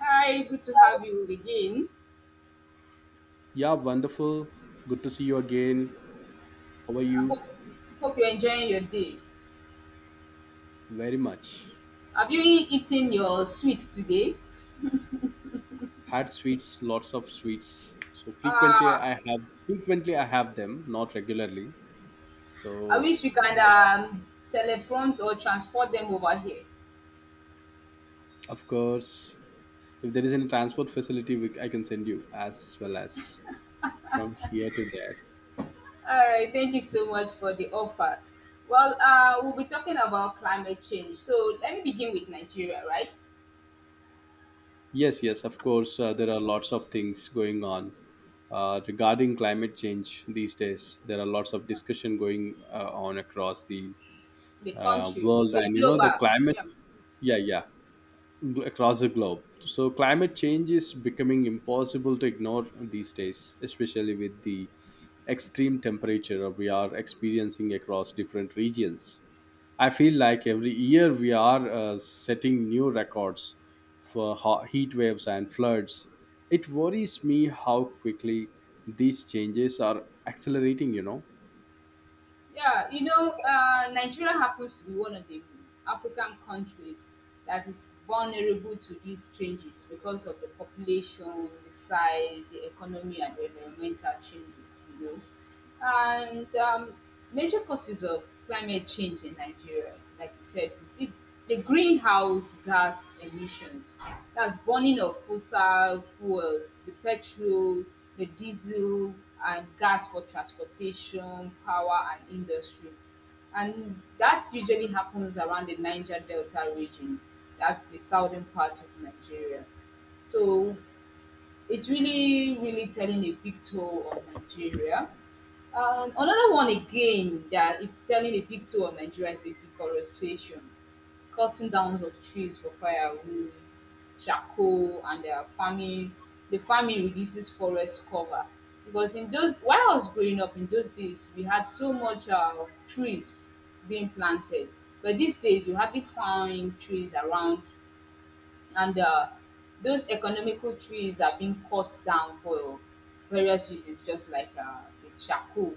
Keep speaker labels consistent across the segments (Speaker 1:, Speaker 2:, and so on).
Speaker 1: Hi, good to have you again.
Speaker 2: Yeah, wonderful. Good to see you again. How are
Speaker 1: I hope
Speaker 2: you?
Speaker 1: hope you're enjoying your day.
Speaker 2: Very much.
Speaker 1: Have you eaten your sweet today?
Speaker 2: Had sweets, lots of sweets. So frequently I
Speaker 1: Ah,
Speaker 2: have frequently I have them, not regularly.
Speaker 1: I
Speaker 2: So
Speaker 1: wish you can
Speaker 2: uh,
Speaker 1: teleprompt or transport them over here.
Speaker 2: of course, if there is any transport facility, I can send you as well as from here to there.
Speaker 1: All right, thank you
Speaker 2: So,
Speaker 1: so much for the offer. Well, we'll be talking about climate change. So let me begin with Nigeria, right?
Speaker 2: yes, yes, of course, there are lots of things going on regarding climate change these days. There are lots of discussion going on across the
Speaker 1: The country,
Speaker 2: world,
Speaker 1: the
Speaker 2: and the
Speaker 1: global.
Speaker 2: climate.
Speaker 1: Yeah.
Speaker 2: Yeah, yeah, across the globe, so climate change is becoming impossible to ignore these days, especially with the extreme temperature we are experiencing across different regions. I feel like every year we are setting new records for heat waves and floods. It worries me how quickly these changes are accelerating.
Speaker 1: Yeah, you know, Nigeria happens to be one of the African countries that is vulnerable to these changes because of the population, the size, the economy, and the environmental changes. And major causes of climate change in Nigeria, like you said, is this the greenhouse gas emissions. That's burning of fossil fuels, the petrol, the diesel, and gas for transportation, power, and industry. And that usually happens around the Niger Delta region. That's the southern part of Nigeria. So it's really, really telling a big toll on Nigeria. And another one again that it's telling a big toll on Nigeria is the deforestation, cutting down of trees for firewood, charcoal, and their farming. The farming reduces forest cover because in those while I was growing up in those days we had so much trees being planted. But these days you hardly find trees around. And those economical trees are being cut down for various uses, just like the charcoal.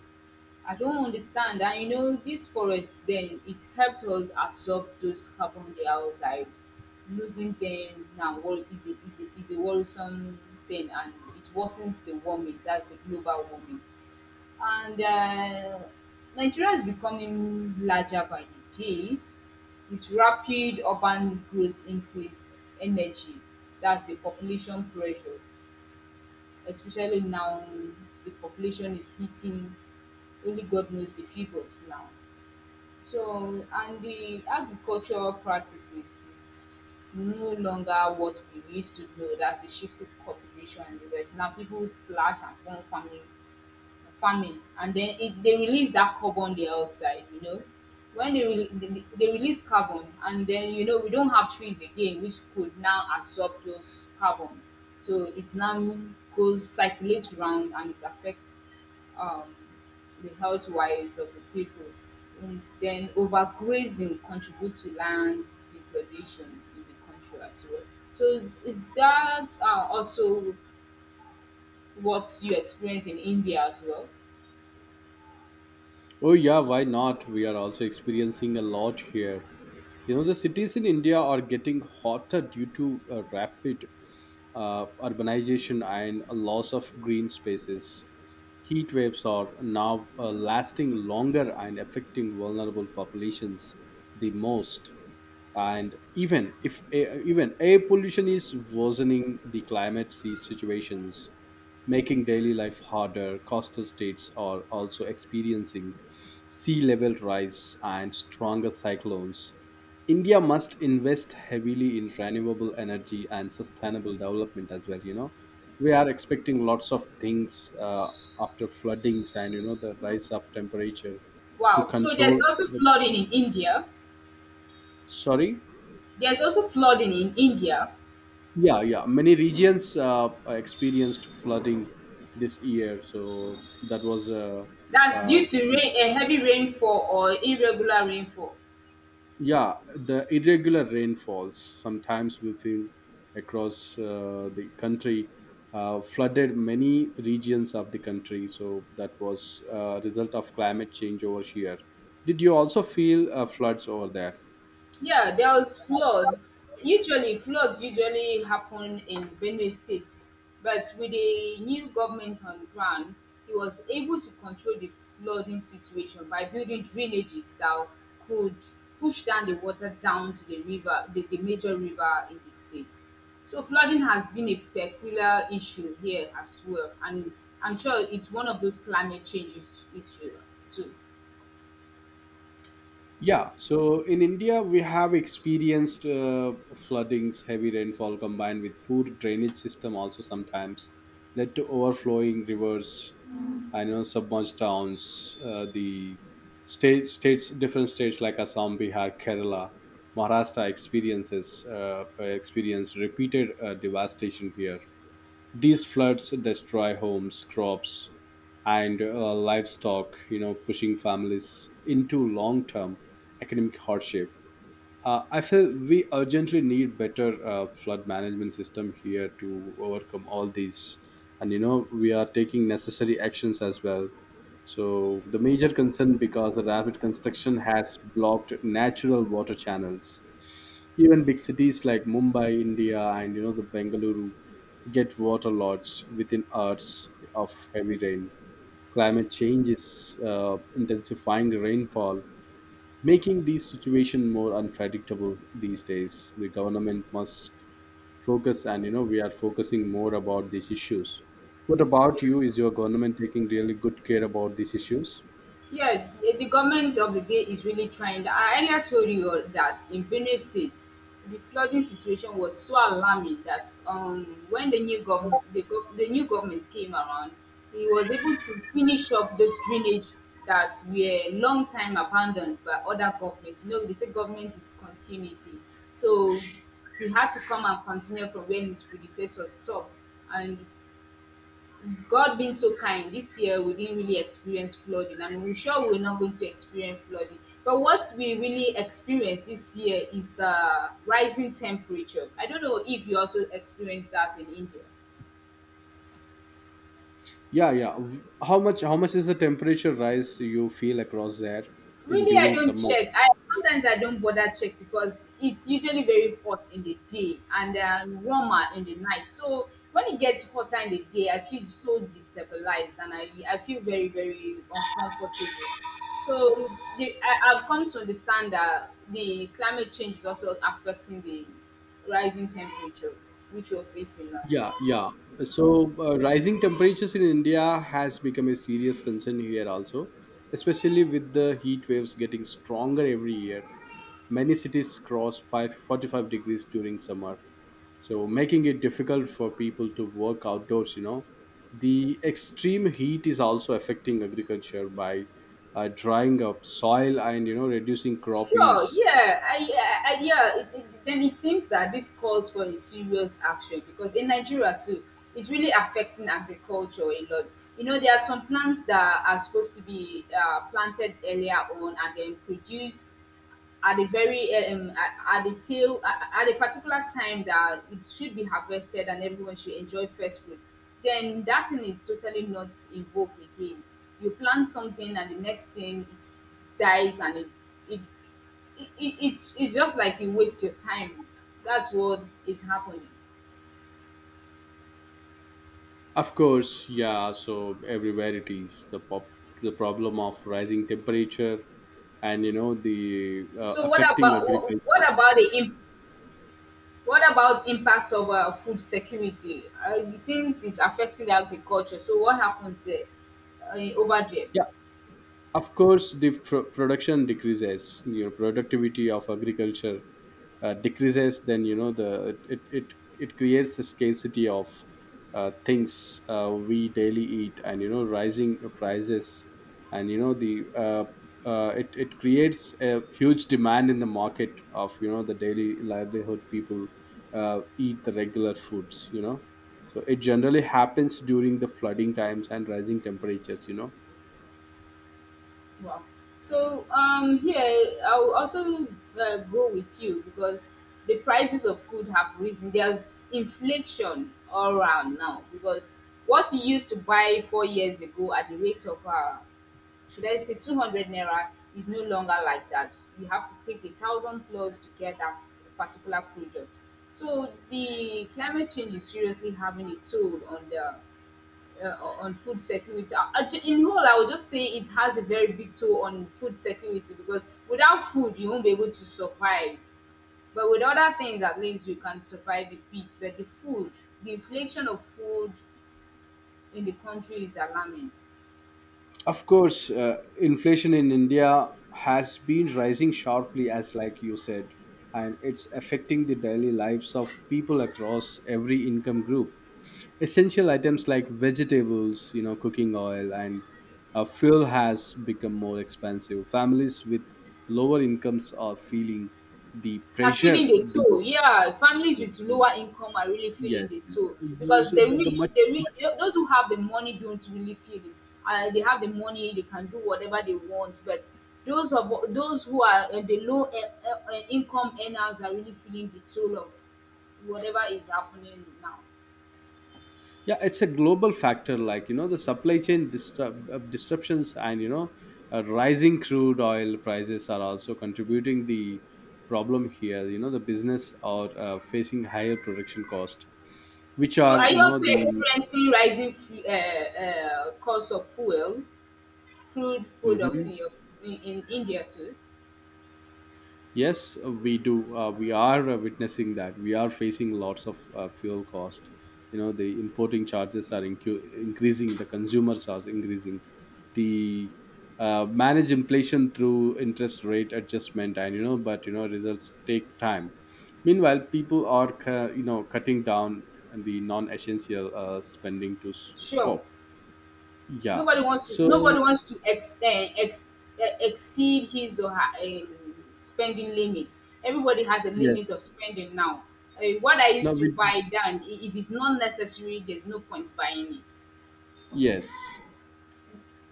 Speaker 1: I don't understand, and this forest then it helped us absorb those carbon dioxide. Losing them now is a worrisome thing, and it worsens the warming. That's the global warming. And Nigeria is becoming larger by the day with rapid urban growth increase energy. That's the population pressure, especially now. The population is hitting only God knows the figures now. So, and the agricultural practices is no longer what we used to know. That's the shifted cultivation and the rest. Now people slash and burn farming, and then it they release that carbon dioxide. When they, re- they release carbon, and then we don't have trees again which could now absorb those carbon. So it now goes circulates around, and it affects um, the health wise of the people. And then overgrazing contributes to land degradation in the country as well. So is that also what you experience in India as well?
Speaker 2: Oh yeah, why not, we are also experiencing a lot here. You know, the cities in India are getting hotter due to rapid urbanization and a loss of green spaces. Heat waves are now lasting longer and affecting vulnerable populations the most, and even if even air pollution is worsening the climate. These situations making daily life harder. Coastal states are also experiencing sea level rise and stronger cyclones. India must invest heavily in renewable energy and sustainable development as well. We are expecting lots of things, after floodings, and you know the rise of temperature to
Speaker 1: Wow. So there's
Speaker 2: control.
Speaker 1: also flooding in India.
Speaker 2: Sorry.
Speaker 1: There's also flooding in India.
Speaker 2: Yeah, yeah. Many regions experienced flooding this year, so that was,
Speaker 1: That's
Speaker 2: uh,
Speaker 1: due to rain, a heavy rainfall or irregular rainfall.
Speaker 2: yeah, the irregular rainfalls. Sometimes we feel across the country flooded many regions of the country. So that was a result of climate change over here. Did you also feel floods over there?
Speaker 1: Yeah, there was flood. Usually, floods usually happen in Benue State, but with a new government on the ground, he was able to control the flooding situation by building drainages that could push down the water down to the river, the major river in the state. So flooding has been a peculiar issue here as well, and I'm sure it's one of those climate change issue too.
Speaker 2: Yeah, so in India, we have experienced floodings, heavy rainfall combined with poor drainage system also sometimes led to overflowing rivers. I know submerged towns, the different states like Assam, Bihar, Kerala, Maharashtra experiences experienced repeated devastation here. These floods destroy homes, crops, and livestock, pushing families into long-term economic hardship. I feel we urgently need better flood management system here to overcome all these, and we are taking necessary actions as well. So the major concern, because the rapid construction has blocked natural water channels, even big cities like Mumbai, India, and the Bengaluru get waterlogged within hours of heavy rain. Climate change is intensifying the rainfall, making these situations more unpredictable these days. The government must focus, and we are focusing more about these issues. What about you?
Speaker 1: Yes.
Speaker 2: Is your government taking really good care about these issues?
Speaker 1: Yeah, the government of the day is really trying. I earlier told you all that in Benue State, the flooding situation was so alarming that when the new government, the new government came around, he was able to finish up those drainage that were long time abandoned by other governments. They say government is continuity, so he had to come and continue from where his predecessor stopped, and God being so kind, this year we didn't really experience flooding, and we're sure we're not going to experience flooding. But what we really experienced this year is the rising temperature. I don't know if you also experienced that in India.
Speaker 2: Yeah, yeah. How much is the temperature rise you feel across there in
Speaker 1: Really, I
Speaker 2: during
Speaker 1: don't
Speaker 2: summer?
Speaker 1: check. I sometimes I don't bother check because it's usually very hot in the day and warmer in the night. So when it gets hotter in the day, I feel so destabilized, and I feel very very uncomfortable. So I've come to understand that the climate change is also affecting the rising temperature which we're facing now.
Speaker 2: Yeah, yeah. So, rising temperatures in India has become a serious concern here also, especially with the heat waves getting stronger every year. Many cities cross 45 degrees during summer, so making it difficult for people to work outdoors. The extreme heat is also affecting agriculture by drying up soil and, reducing crop
Speaker 1: Sure,
Speaker 2: yields.
Speaker 1: yeah, I yeah. Then it seems that this calls for a serious action because in Nigeria too, it's really affecting agriculture a lot. There are some plants that are supposed to be planted earlier on and then produce at the tail at a particular time that it should be harvested and everyone should enjoy first fruit. Then that thing is totally not invoked again. You plant something and the next thing it dies, and it, it's just like you waste your time. That's what is happening.
Speaker 2: Of course, yeah. So everywhere it is the the problem of rising temperature, and the
Speaker 1: So what
Speaker 2: affecting
Speaker 1: about what
Speaker 2: agriculture.
Speaker 1: about what about impact of food security, since it's affecting agriculture, so what happens there, over there?
Speaker 2: Yeah, of course the production decreases. Productivity of agriculture decreases. Then it creates a scarcity of things, we daily eat, and rising prices, and it creates a huge demand in the market of the daily livelihood. People eat the regular foods. So it generally happens during the flooding times and rising temperatures.
Speaker 1: Wow. So here I'll also go with you because the prices of food have risen. There's inflation all around now because what you used to buy 4 years ago at the rate of should I say 200 naira is no longer like that. You have to take 1,000 plus to get that particular product. So the climate change is seriously having a toll on the on food security. In whole, I would just say it has a very big toll on food security because without food, you won't be able to survive. But with other things, at least we can survive a bit. But the food, the inflation of food in the country is alarming.
Speaker 2: Of course, inflation in India has been rising sharply, as like you said, and it's affecting the daily lives of people across every income group. Essential items like vegetables, cooking oil, and fuel has become more expensive. Families with lower incomes are feeling the
Speaker 1: Are feeling
Speaker 2: pressure.
Speaker 1: the
Speaker 2: The
Speaker 1: toll. Yeah, families with lower income are really feeling the
Speaker 2: Yes, yes.
Speaker 1: toll because
Speaker 2: So,
Speaker 1: the
Speaker 2: the
Speaker 1: rich,
Speaker 2: much
Speaker 1: the rich, those who have the money don't really feel it. They have the money, they can do whatever they want, but those who are the low income earners are really feeling the toll of whatever is happening now.
Speaker 2: yeah, it's a global factor, like the supply chain disruptions, and rising crude oil prices are also contributing the problem here, the business are facing higher production cost, which
Speaker 1: So,
Speaker 2: are
Speaker 1: are
Speaker 2: you
Speaker 1: you
Speaker 2: know
Speaker 1: also
Speaker 2: the
Speaker 1: experiencing rising cost of fuel, crude products
Speaker 2: Mhm.
Speaker 1: in India too?
Speaker 2: Yes, we do. We are witnessing that. We are facing lots of fuel cost. You know, the importing charges are increasing. The consumers are increasing. The manage inflation through interest rate adjustment, but results take time. Meanwhile, people are cutting down the non-essential spending to
Speaker 1: Sure.
Speaker 2: scope. Yeah.
Speaker 1: Nobody wants to
Speaker 2: So
Speaker 1: exceed his or her spending limit. Everybody has a limit of
Speaker 2: yes.
Speaker 1: spending now. What I
Speaker 2: Now
Speaker 1: used to
Speaker 2: we
Speaker 1: buy down if it's not necessary, there's no point buying it.
Speaker 2: yes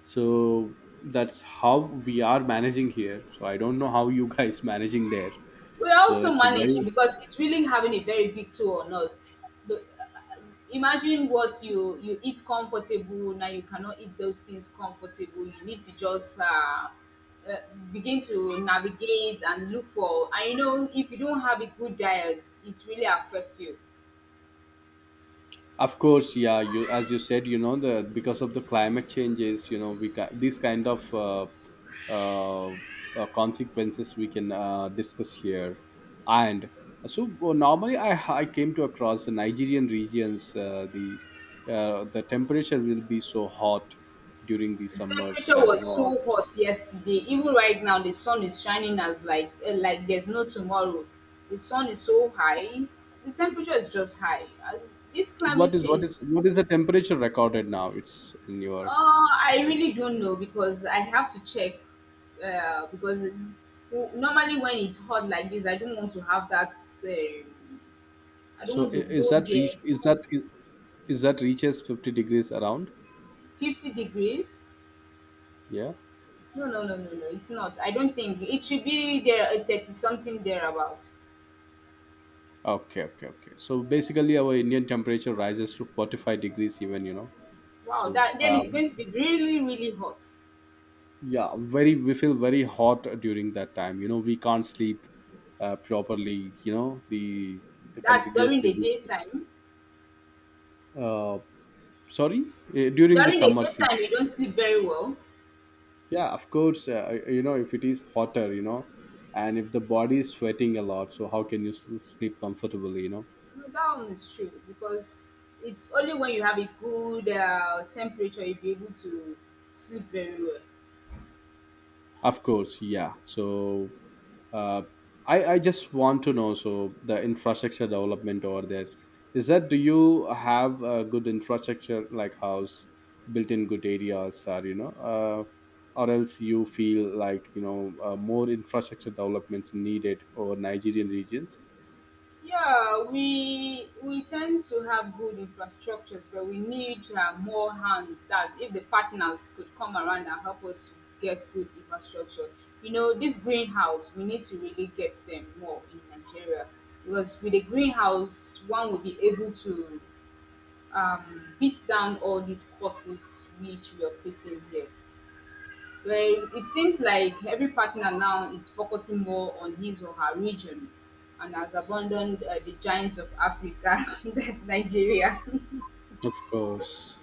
Speaker 2: so that's how we are managing here, so I don't know how you guys managing there.
Speaker 1: We are
Speaker 2: So
Speaker 1: also
Speaker 2: it's a very
Speaker 1: managing because it's really having a very big toll on us. But imagine what you eat comfortable now you cannot eat those things comfortable. You need to just uh, begin to navigate and look for. And if you don't have a good diet, it really affects you.
Speaker 2: Of course, yeah. you As you said, the because of the climate changes, we these kind of consequences we can discuss here. And so, normally I came to across the Nigerian regions, the temperature will be so hot during the
Speaker 1: The
Speaker 2: summers,
Speaker 1: temperature
Speaker 2: and you
Speaker 1: was
Speaker 2: know
Speaker 1: so hot yesterday. Even right now, the sun is shining as like like there's no tomorrow. The sun is so high. The temperature is just high. This
Speaker 2: what
Speaker 1: climate
Speaker 2: is what
Speaker 1: change.
Speaker 2: is what is the temperature recorded now, it's in your
Speaker 1: I
Speaker 2: systems?
Speaker 1: really don't know because I have to check. Because normally when it's hot like this, I don't want to have that. Um, I don't
Speaker 2: So
Speaker 1: want to
Speaker 2: I- is
Speaker 1: go
Speaker 2: that
Speaker 1: there.
Speaker 2: reach is that reaches 50 degrees around?
Speaker 1: 50 degrees?
Speaker 2: Yeah.
Speaker 1: No, no, no, no, no. It's not. I don't think it should be there. 30 something thereabout.
Speaker 2: Okay, okay, okay. So basically our Indian temperature rises to 45 degrees, even.
Speaker 1: Wow.
Speaker 2: So
Speaker 1: That then it's going to be really, really hot.
Speaker 2: yeah, very we feel very hot during that time, we can't sleep properly. The
Speaker 1: That's during
Speaker 2: continuously,
Speaker 1: the daytime.
Speaker 2: uh, sorry, during the
Speaker 1: During the
Speaker 2: summer
Speaker 1: daytime,
Speaker 2: season.
Speaker 1: you don't sleep very well.
Speaker 2: Yeah, of course, if it is hotter, and if the body is sweating a lot, so how can you sleep comfortably?
Speaker 1: No, that one is true because it's only when you have a good temperature you'll be able to sleep very well.
Speaker 2: Of course, yeah. So uh, I just want to know, so the infrastructure development over there, is that, do you have a good infrastructure like house built in good areas, or or else you feel like more infrastructure developments needed over Nigerian regions?
Speaker 1: Yeah, we tend to have good infrastructures, but we need more hands. That's if the partners could come around and help us to get good infrastructure. This greenhouse we need to really get them more in Nigeria because with a greenhouse, one will be able to beat down all these courses which we are facing here. Well, it seems like every partner now is focusing more on his or her region and has abandoned the giants of Africa, that's Nigeria.
Speaker 2: Of course.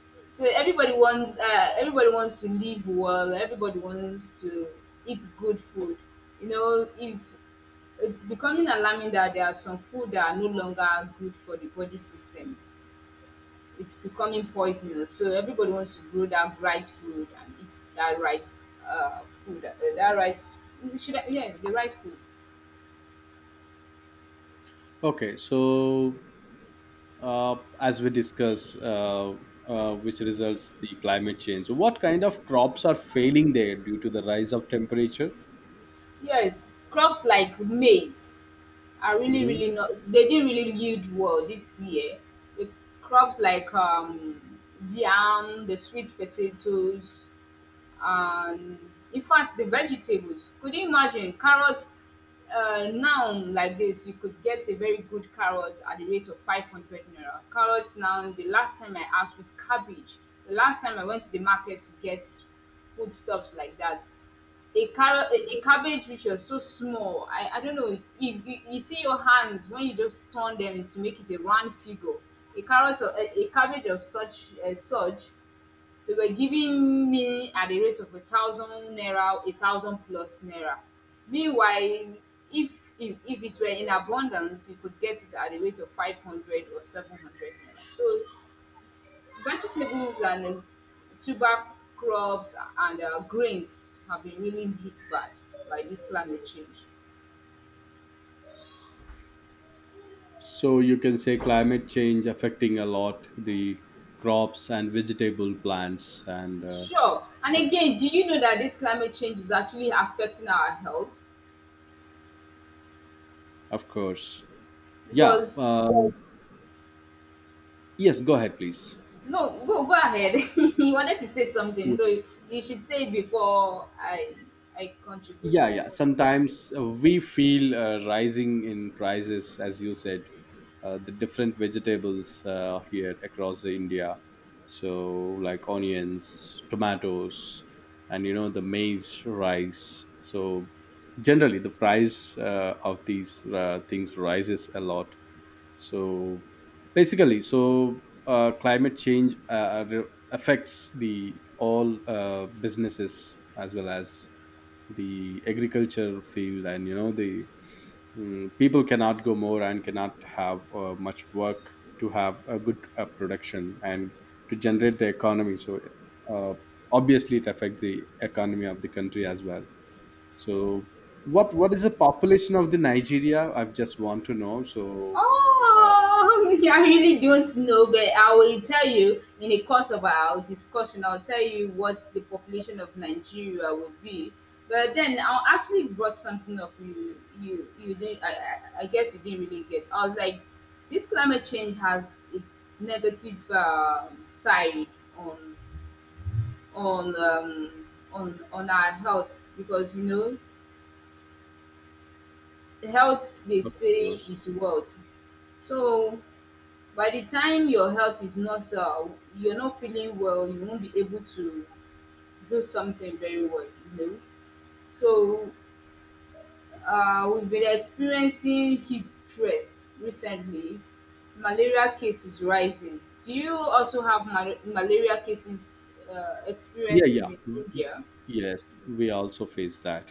Speaker 1: So everybody wants to live well, everybody wants to eat good food. You know, it's it's becoming alarming that there are some food that are no longer good for the body system. It's becoming poisonous. So everybody wants to grow that right food and eat that right food, that right. Should I, yeah, the right food.
Speaker 2: Okay, so as we discuss, which results the climate change. So what kind of crops are failing there due to the rise of temperature?
Speaker 1: Yes, crops like maize are really,
Speaker 2: Hmm.
Speaker 1: really not they didn't really yield well this year. The crops like yam, the sweet potatoes, and in fact the vegetables. Could you imagine carrots? Now like this, you could get a very good carrot at the rate of 500 naira. Carrots now, the last time I asked with cabbage, the last time I went to the market to get foodstuffs like that, a carrot a cabbage which was so small I don't know you see your hands when you just turn them to make it a round figure a carrot or a cabbage of such such they were giving me at the rate of 1,000 naira, 1,000 plus naira. Meanwhile, if if it were in abundance you could get it at the rate of 500 or 700 naira. So vegetables and tuber crops and grains have been really hit bad by this climate change.
Speaker 2: So you can say climate change affecting a lot the crops and vegetable plants, and
Speaker 1: Sure. And again, do you know that this climate change is actually affecting our health?
Speaker 2: of course, yeah.
Speaker 1: Because
Speaker 2: Yes, go ahead, please.
Speaker 1: no, go ahead. You wanted to say something, so you should say it before I contribute
Speaker 2: Yeah,
Speaker 1: my
Speaker 2: yeah,
Speaker 1: own.
Speaker 2: sometimes we feel rising in prices, as you said, the different vegetables here across the India. So like onions, tomatoes, and the maize, rice. So generally the price of these things rises a lot. So basically, so climate change affects the all businesses as well as the agriculture field, and you know the mm, people cannot go more and cannot have much work to have a good production and to generate the economy. So, uh, obviously it affects the economy of the country as well. So what is the population of the Nigeria, I just want to know. So uh,
Speaker 1: Oh, I really don't know, but I will tell you in the course of our discussion, I'll tell you what the population of Nigeria will be. But then I actually brought something up you didn't I guess you didn't really get. I was like, this climate change has a negative side on on um, on our health, because you know, health they
Speaker 2: of
Speaker 1: say is
Speaker 2: course.
Speaker 1: wealth. So by the time your health is not you're not feeling well, you won't be able to do something very well, you know. So we've been experiencing heat stress recently, malaria cases rising. Do you also have malaria cases
Speaker 2: Yeah,
Speaker 1: experiences
Speaker 2: yeah.
Speaker 1: in
Speaker 2: Mm,
Speaker 1: India?
Speaker 2: yes, we also face that.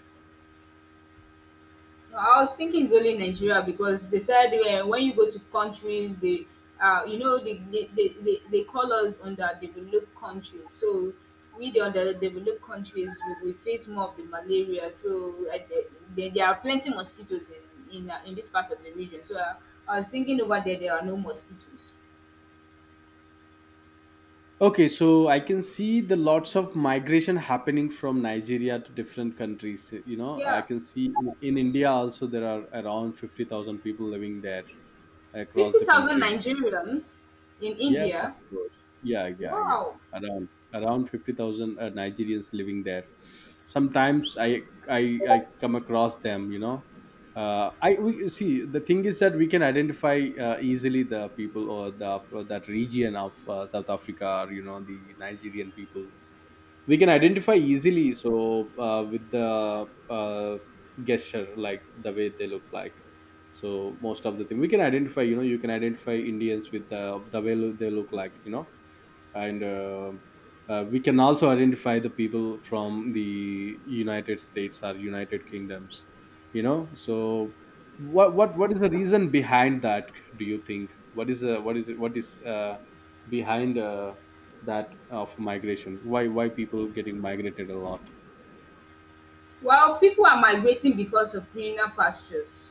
Speaker 1: No, I was thinking it's only Nigeria because they said when you go to countries, you know, they call us underdeveloped countries. So we, the underdeveloped countries, we face more of the malaria. So there are plenty mosquitoes in in this part of the region. So I was thinking over there, there are no mosquitoes.
Speaker 2: Okay, so I can see the lots of migration happening from Nigeria to different countries. You know, I
Speaker 1: Yeah,
Speaker 2: can see in India also there are around 50,000 people living there across
Speaker 1: fifty
Speaker 2: the
Speaker 1: thousand
Speaker 2: country.
Speaker 1: Nigerians in
Speaker 2: Yes,
Speaker 1: India.
Speaker 2: of course. Yeah, yeah, yeah.
Speaker 1: Wow.
Speaker 2: Around around 50,000 Nigerians living there. Sometimes I come across them. You know, I we see, the thing is that we can identify easily the people or the that region of South Africa. Or, you know, the Nigerian people we can identify easily, so with the gesture, like the way they look like. So most of the thing we can identify, you know. You can identify indians with the way they look like, you know. And we can also identify the people from the united states or united kingdoms, you know. So what is the reason behind that? Do you think, what is behind that of migration? Why people getting migrated a lot?
Speaker 1: Well, people are migrating because of greener pastures.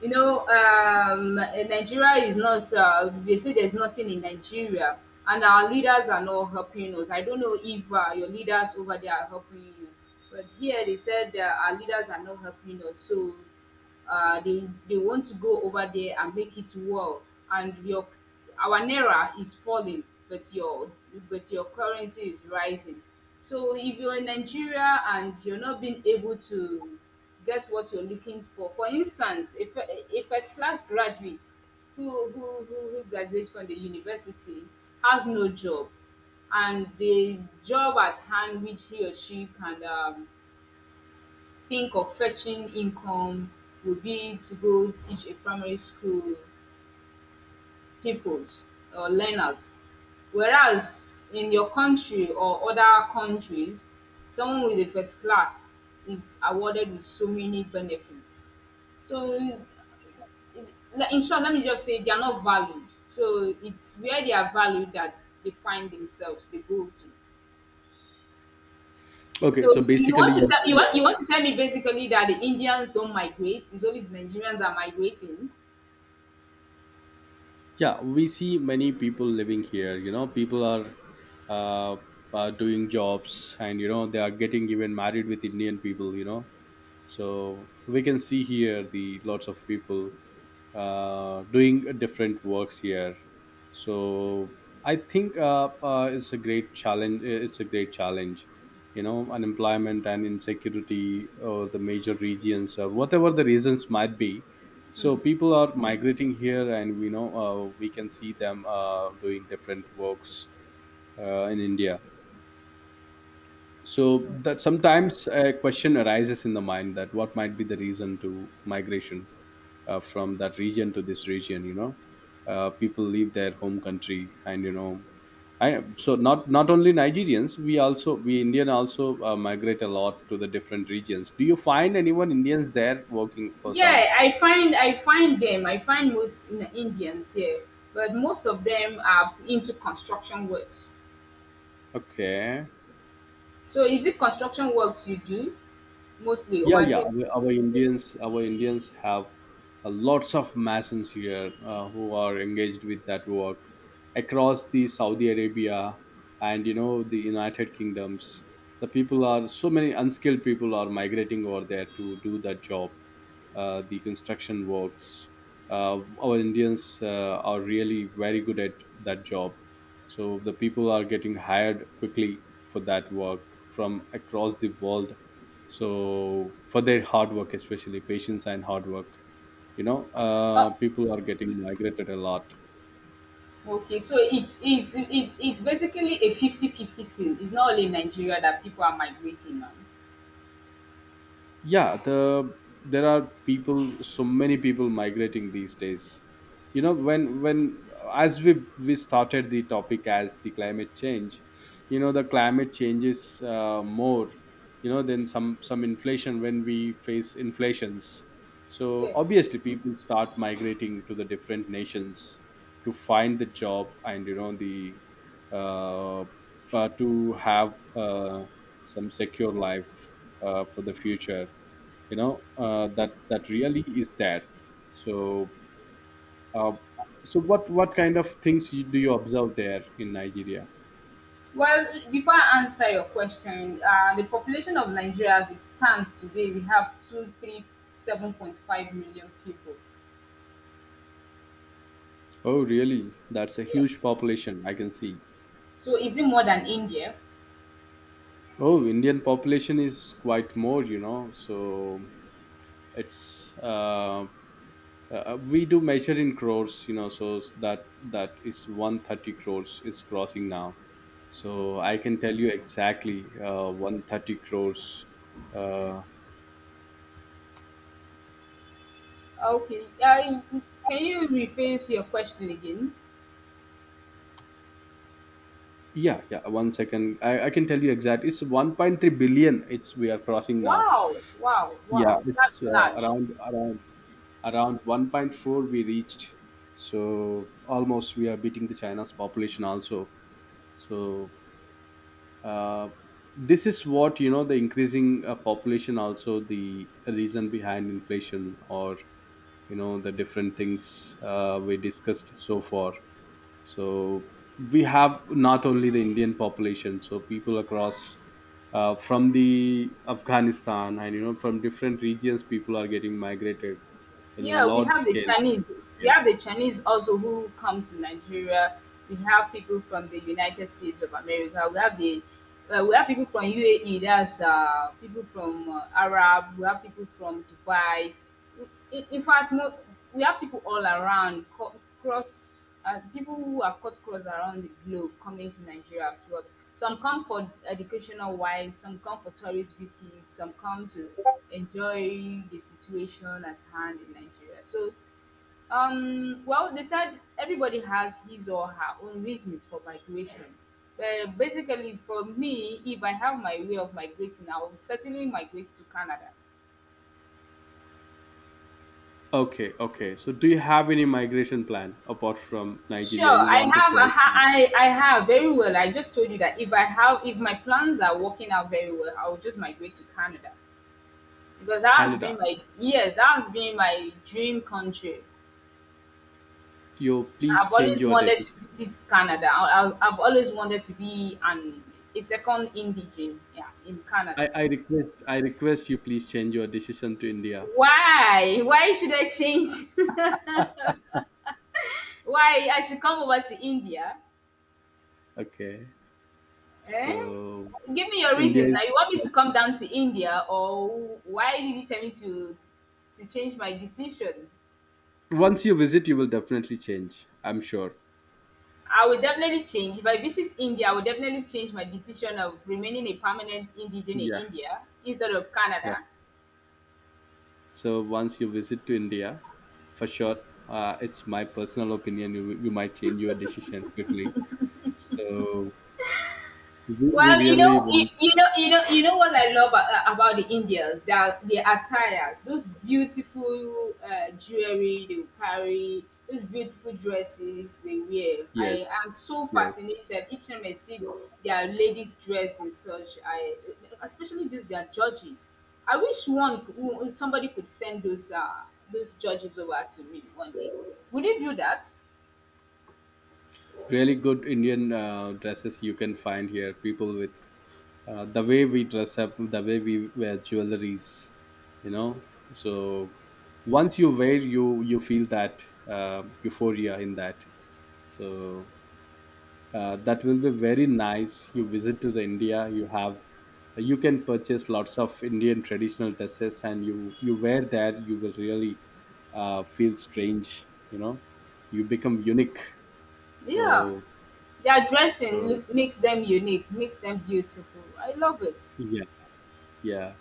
Speaker 1: You know, Nigeria is not, they say there's nothing in Nigeria, and our leaders are not helping us. I don't know if your leaders over there are helping you, but here they said our leaders are not helping us. So they want to go over there and make it well. And your our naira is falling, but your but your currency is rising. So if you're in Nigeria and you're not being able to get what you're looking for. For instance, a first class graduate who graduates from the university has no job, and the job at hand which he or she can think of fetching income would be to go teach a primary school peoples or learners. Whereas in your country or other countries, someone with a first class is awarded with so many benefits. So in short, let me just say they are not valued. So it's where they are valued that they find themselves, they go to.
Speaker 2: Okay, so
Speaker 1: So
Speaker 2: basically,
Speaker 1: you want you want to tell me basically that the Indians don't migrate, it's only the Nigerians are migrating.
Speaker 2: yeah, we see many people living here, you know. People are uh, doing jobs, and you know they are getting even married with indian people, you know. So we can see here the lots of people doing different works here. So I think, it's a great challenge, it's a great challenge. You know, unemployment and insecurity or the major regions or whatever the reasons might be. So
Speaker 1: Hmm.
Speaker 2: people are migrating here, and we know, we can see them doing different works in india. So that sometimes a question arises in the mind, that what might be the reason to migration from that region to this region. You know, people leave their home country, and you know, I so not only Nigerians, we Indian also migrate a lot to the different regions. Do you find anyone Indians there working for some?
Speaker 1: Yeah, I find them. I find most in Indians here, but most of them are into construction works.
Speaker 2: Okay.
Speaker 1: So is it construction works you do mostly
Speaker 2: Yeah,
Speaker 1: over
Speaker 2: yeah.
Speaker 1: there?
Speaker 2: Our Indians have lots of masons here who are engaged with that work across the Saudi Arabia and you know the United Kingdoms. The people are so many unskilled people are migrating over there to do that job, the construction works. Our Indians are really very good at that job, so the people are getting hired quickly for that work from across the world, so for their hard work, especially patience and hard work, you know,
Speaker 1: Oh,
Speaker 2: people are getting migrated a lot.
Speaker 1: okay. So it's basically a 50-50 thing. It's not only in Nigeria that people are migrating on.
Speaker 2: Yeah, there are people, so many people migrating these days, you know. When as we started the topic as the climate change, you know, the climate changes more, you know, than some inflation, when we face inflations. So
Speaker 1: Yeah.
Speaker 2: obviously people start migrating to the different nations to find the job, and you know the uh, to have some secure life for the future, you know, that really is there. So uh, what kind of things, do you observe there in Nigeria?
Speaker 1: Well, before I answer your question, the population of Nigeria as it stands today, we have two, three, 7.5 million people.
Speaker 2: Oh, really? That's a huge
Speaker 1: Yes.
Speaker 2: population. I can see.
Speaker 1: So is it more than India?
Speaker 2: Oh, Indian population is quite more, you know. So it's we do measure in crores, you know. So that is 130 crores is crossing now. So I can tell you exactly 130 crores. Uh,
Speaker 1: Okay. I, can you rephrase your question again?
Speaker 2: yeah, yeah. One second, I can tell you exact. It's 1.3 billion. It's we are crossing now.
Speaker 1: Wow, wow,
Speaker 2: Yeah,
Speaker 1: wow.
Speaker 2: it's
Speaker 1: That's large.
Speaker 2: around around around 1.4 we reached. So almost we are beating the China's population also. So uh, this is what you know the increasing population, also the reason behind inflation, or you know the different things we discussed so far. So we have not only the indian population, so people across from the afghanistan and you know from different regions, people are getting migrated in a
Speaker 1: Yeah, we
Speaker 2: large
Speaker 1: have the
Speaker 2: scale to
Speaker 1: Chinese. We
Speaker 2: India.
Speaker 1: have the Chinese also who come to Nigeria. We have people from the United States of America. We have the we have people from UAE. That's people from Arab. We have people from Dubai. We- In, in fact, mo- we have people all around cross. People who are cut cross around the globe coming to Nigeria as well. Some come for educational wise. Some come for tourist visits. Some come to enjoy the situation at hand in Nigeria. So, well, they said everybody has his or her own reasons for migration. But basically, for me, if I have my way of migrating, I will certainly migrate to Canada.
Speaker 2: Okay, okay, so do you have any migration plan apart from nigeria?
Speaker 1: Sure,
Speaker 2: You
Speaker 1: I
Speaker 2: want to
Speaker 1: have,
Speaker 2: fly to
Speaker 1: I have very well. I just told you that if I have, if my plans are working out very well, I will just migrate to Canada, because
Speaker 2: canada,
Speaker 1: that has been my dream country.
Speaker 2: you please
Speaker 1: I've
Speaker 2: change
Speaker 1: always
Speaker 2: your
Speaker 1: wanted to
Speaker 2: decision.
Speaker 1: visit Canada. I've always wanted to be an a second indigene, yeah, in
Speaker 2: I,
Speaker 1: Canada.
Speaker 2: I request I request you, please change your decision to India.
Speaker 1: Why? Why should I change? Why I should come over to India?
Speaker 2: Okay.
Speaker 1: Eh?
Speaker 2: So
Speaker 1: Give me your
Speaker 2: India
Speaker 1: reasons.
Speaker 2: is,
Speaker 1: Now you want me to come down to India, or why did you tell me to change my decision?
Speaker 2: once you visit you will definitely change, I'm sure.
Speaker 1: I will definitely change. If I visit India, I will definitely change my decision of remaining a permanent indigene in
Speaker 2: Yeah,
Speaker 1: India instead of
Speaker 2: yeah.
Speaker 1: Canada.
Speaker 2: So once you visit to India, for sure, it's my personal opinion. You might change your decision quickly. So we
Speaker 1: Well,
Speaker 2: really want.
Speaker 1: you know what I love about the Indians. Their attires, those beautiful jewelry they carry, those beautiful dresses they wear. I
Speaker 2: Yes,
Speaker 1: am so
Speaker 2: yes.
Speaker 1: fascinated each time I see their ladies' dresses. Such, I especially those their judges. I wish somebody could send those judges over to me one day. Would you do that?
Speaker 2: Really good Indian dresses you can find here. People with the way we dress up, the way we wear jewelries, you know. So once you wear, you feel that euphoria in that. So that will be very nice. You visit to the India, you can purchase lots of Indian traditional dresses, and you wear that, you will really feel strange. You know, you become unique.
Speaker 1: Yeah.
Speaker 2: So
Speaker 1: Their dressing
Speaker 2: so,
Speaker 1: look makes them unique, makes them beautiful. I love it.
Speaker 2: yeah. Yeah.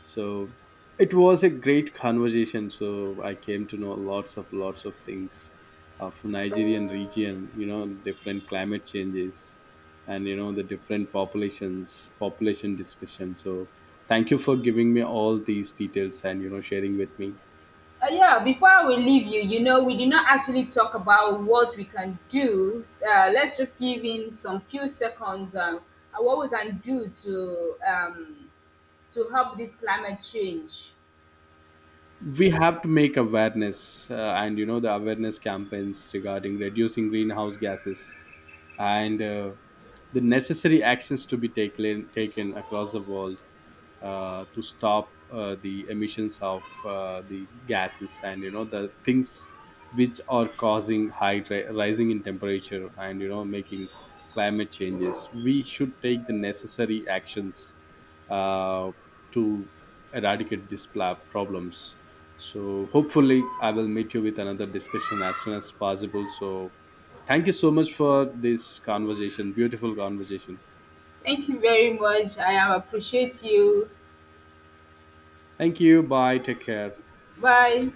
Speaker 2: So it was a great conversation. So I came to know lots of things of Nigerian region, you know, different climate changes, and you know the different populations, population discussion. So thank you for giving me all these details and you know sharing with me.
Speaker 1: Yeah, before we leave you, you know, we did not actually talk about what we can do. Let's just give in some few seconds what we can do to help this climate change.
Speaker 2: We have to make awareness and you know the awareness campaigns regarding reducing greenhouse gases, and the necessary actions to be taken across the world to stop the emissions of the gases, and you know the things which are causing high rising in temperature and you know making climate changes. We should take the necessary actions uh, to eradicate these problems. So hopefully, I will meet you with another discussion as soon as possible. So thank you so much for this conversation, beautiful conversation.
Speaker 1: Thank you very much. I appreciate you.
Speaker 2: Thank you. Bye. Take care.
Speaker 1: Bye.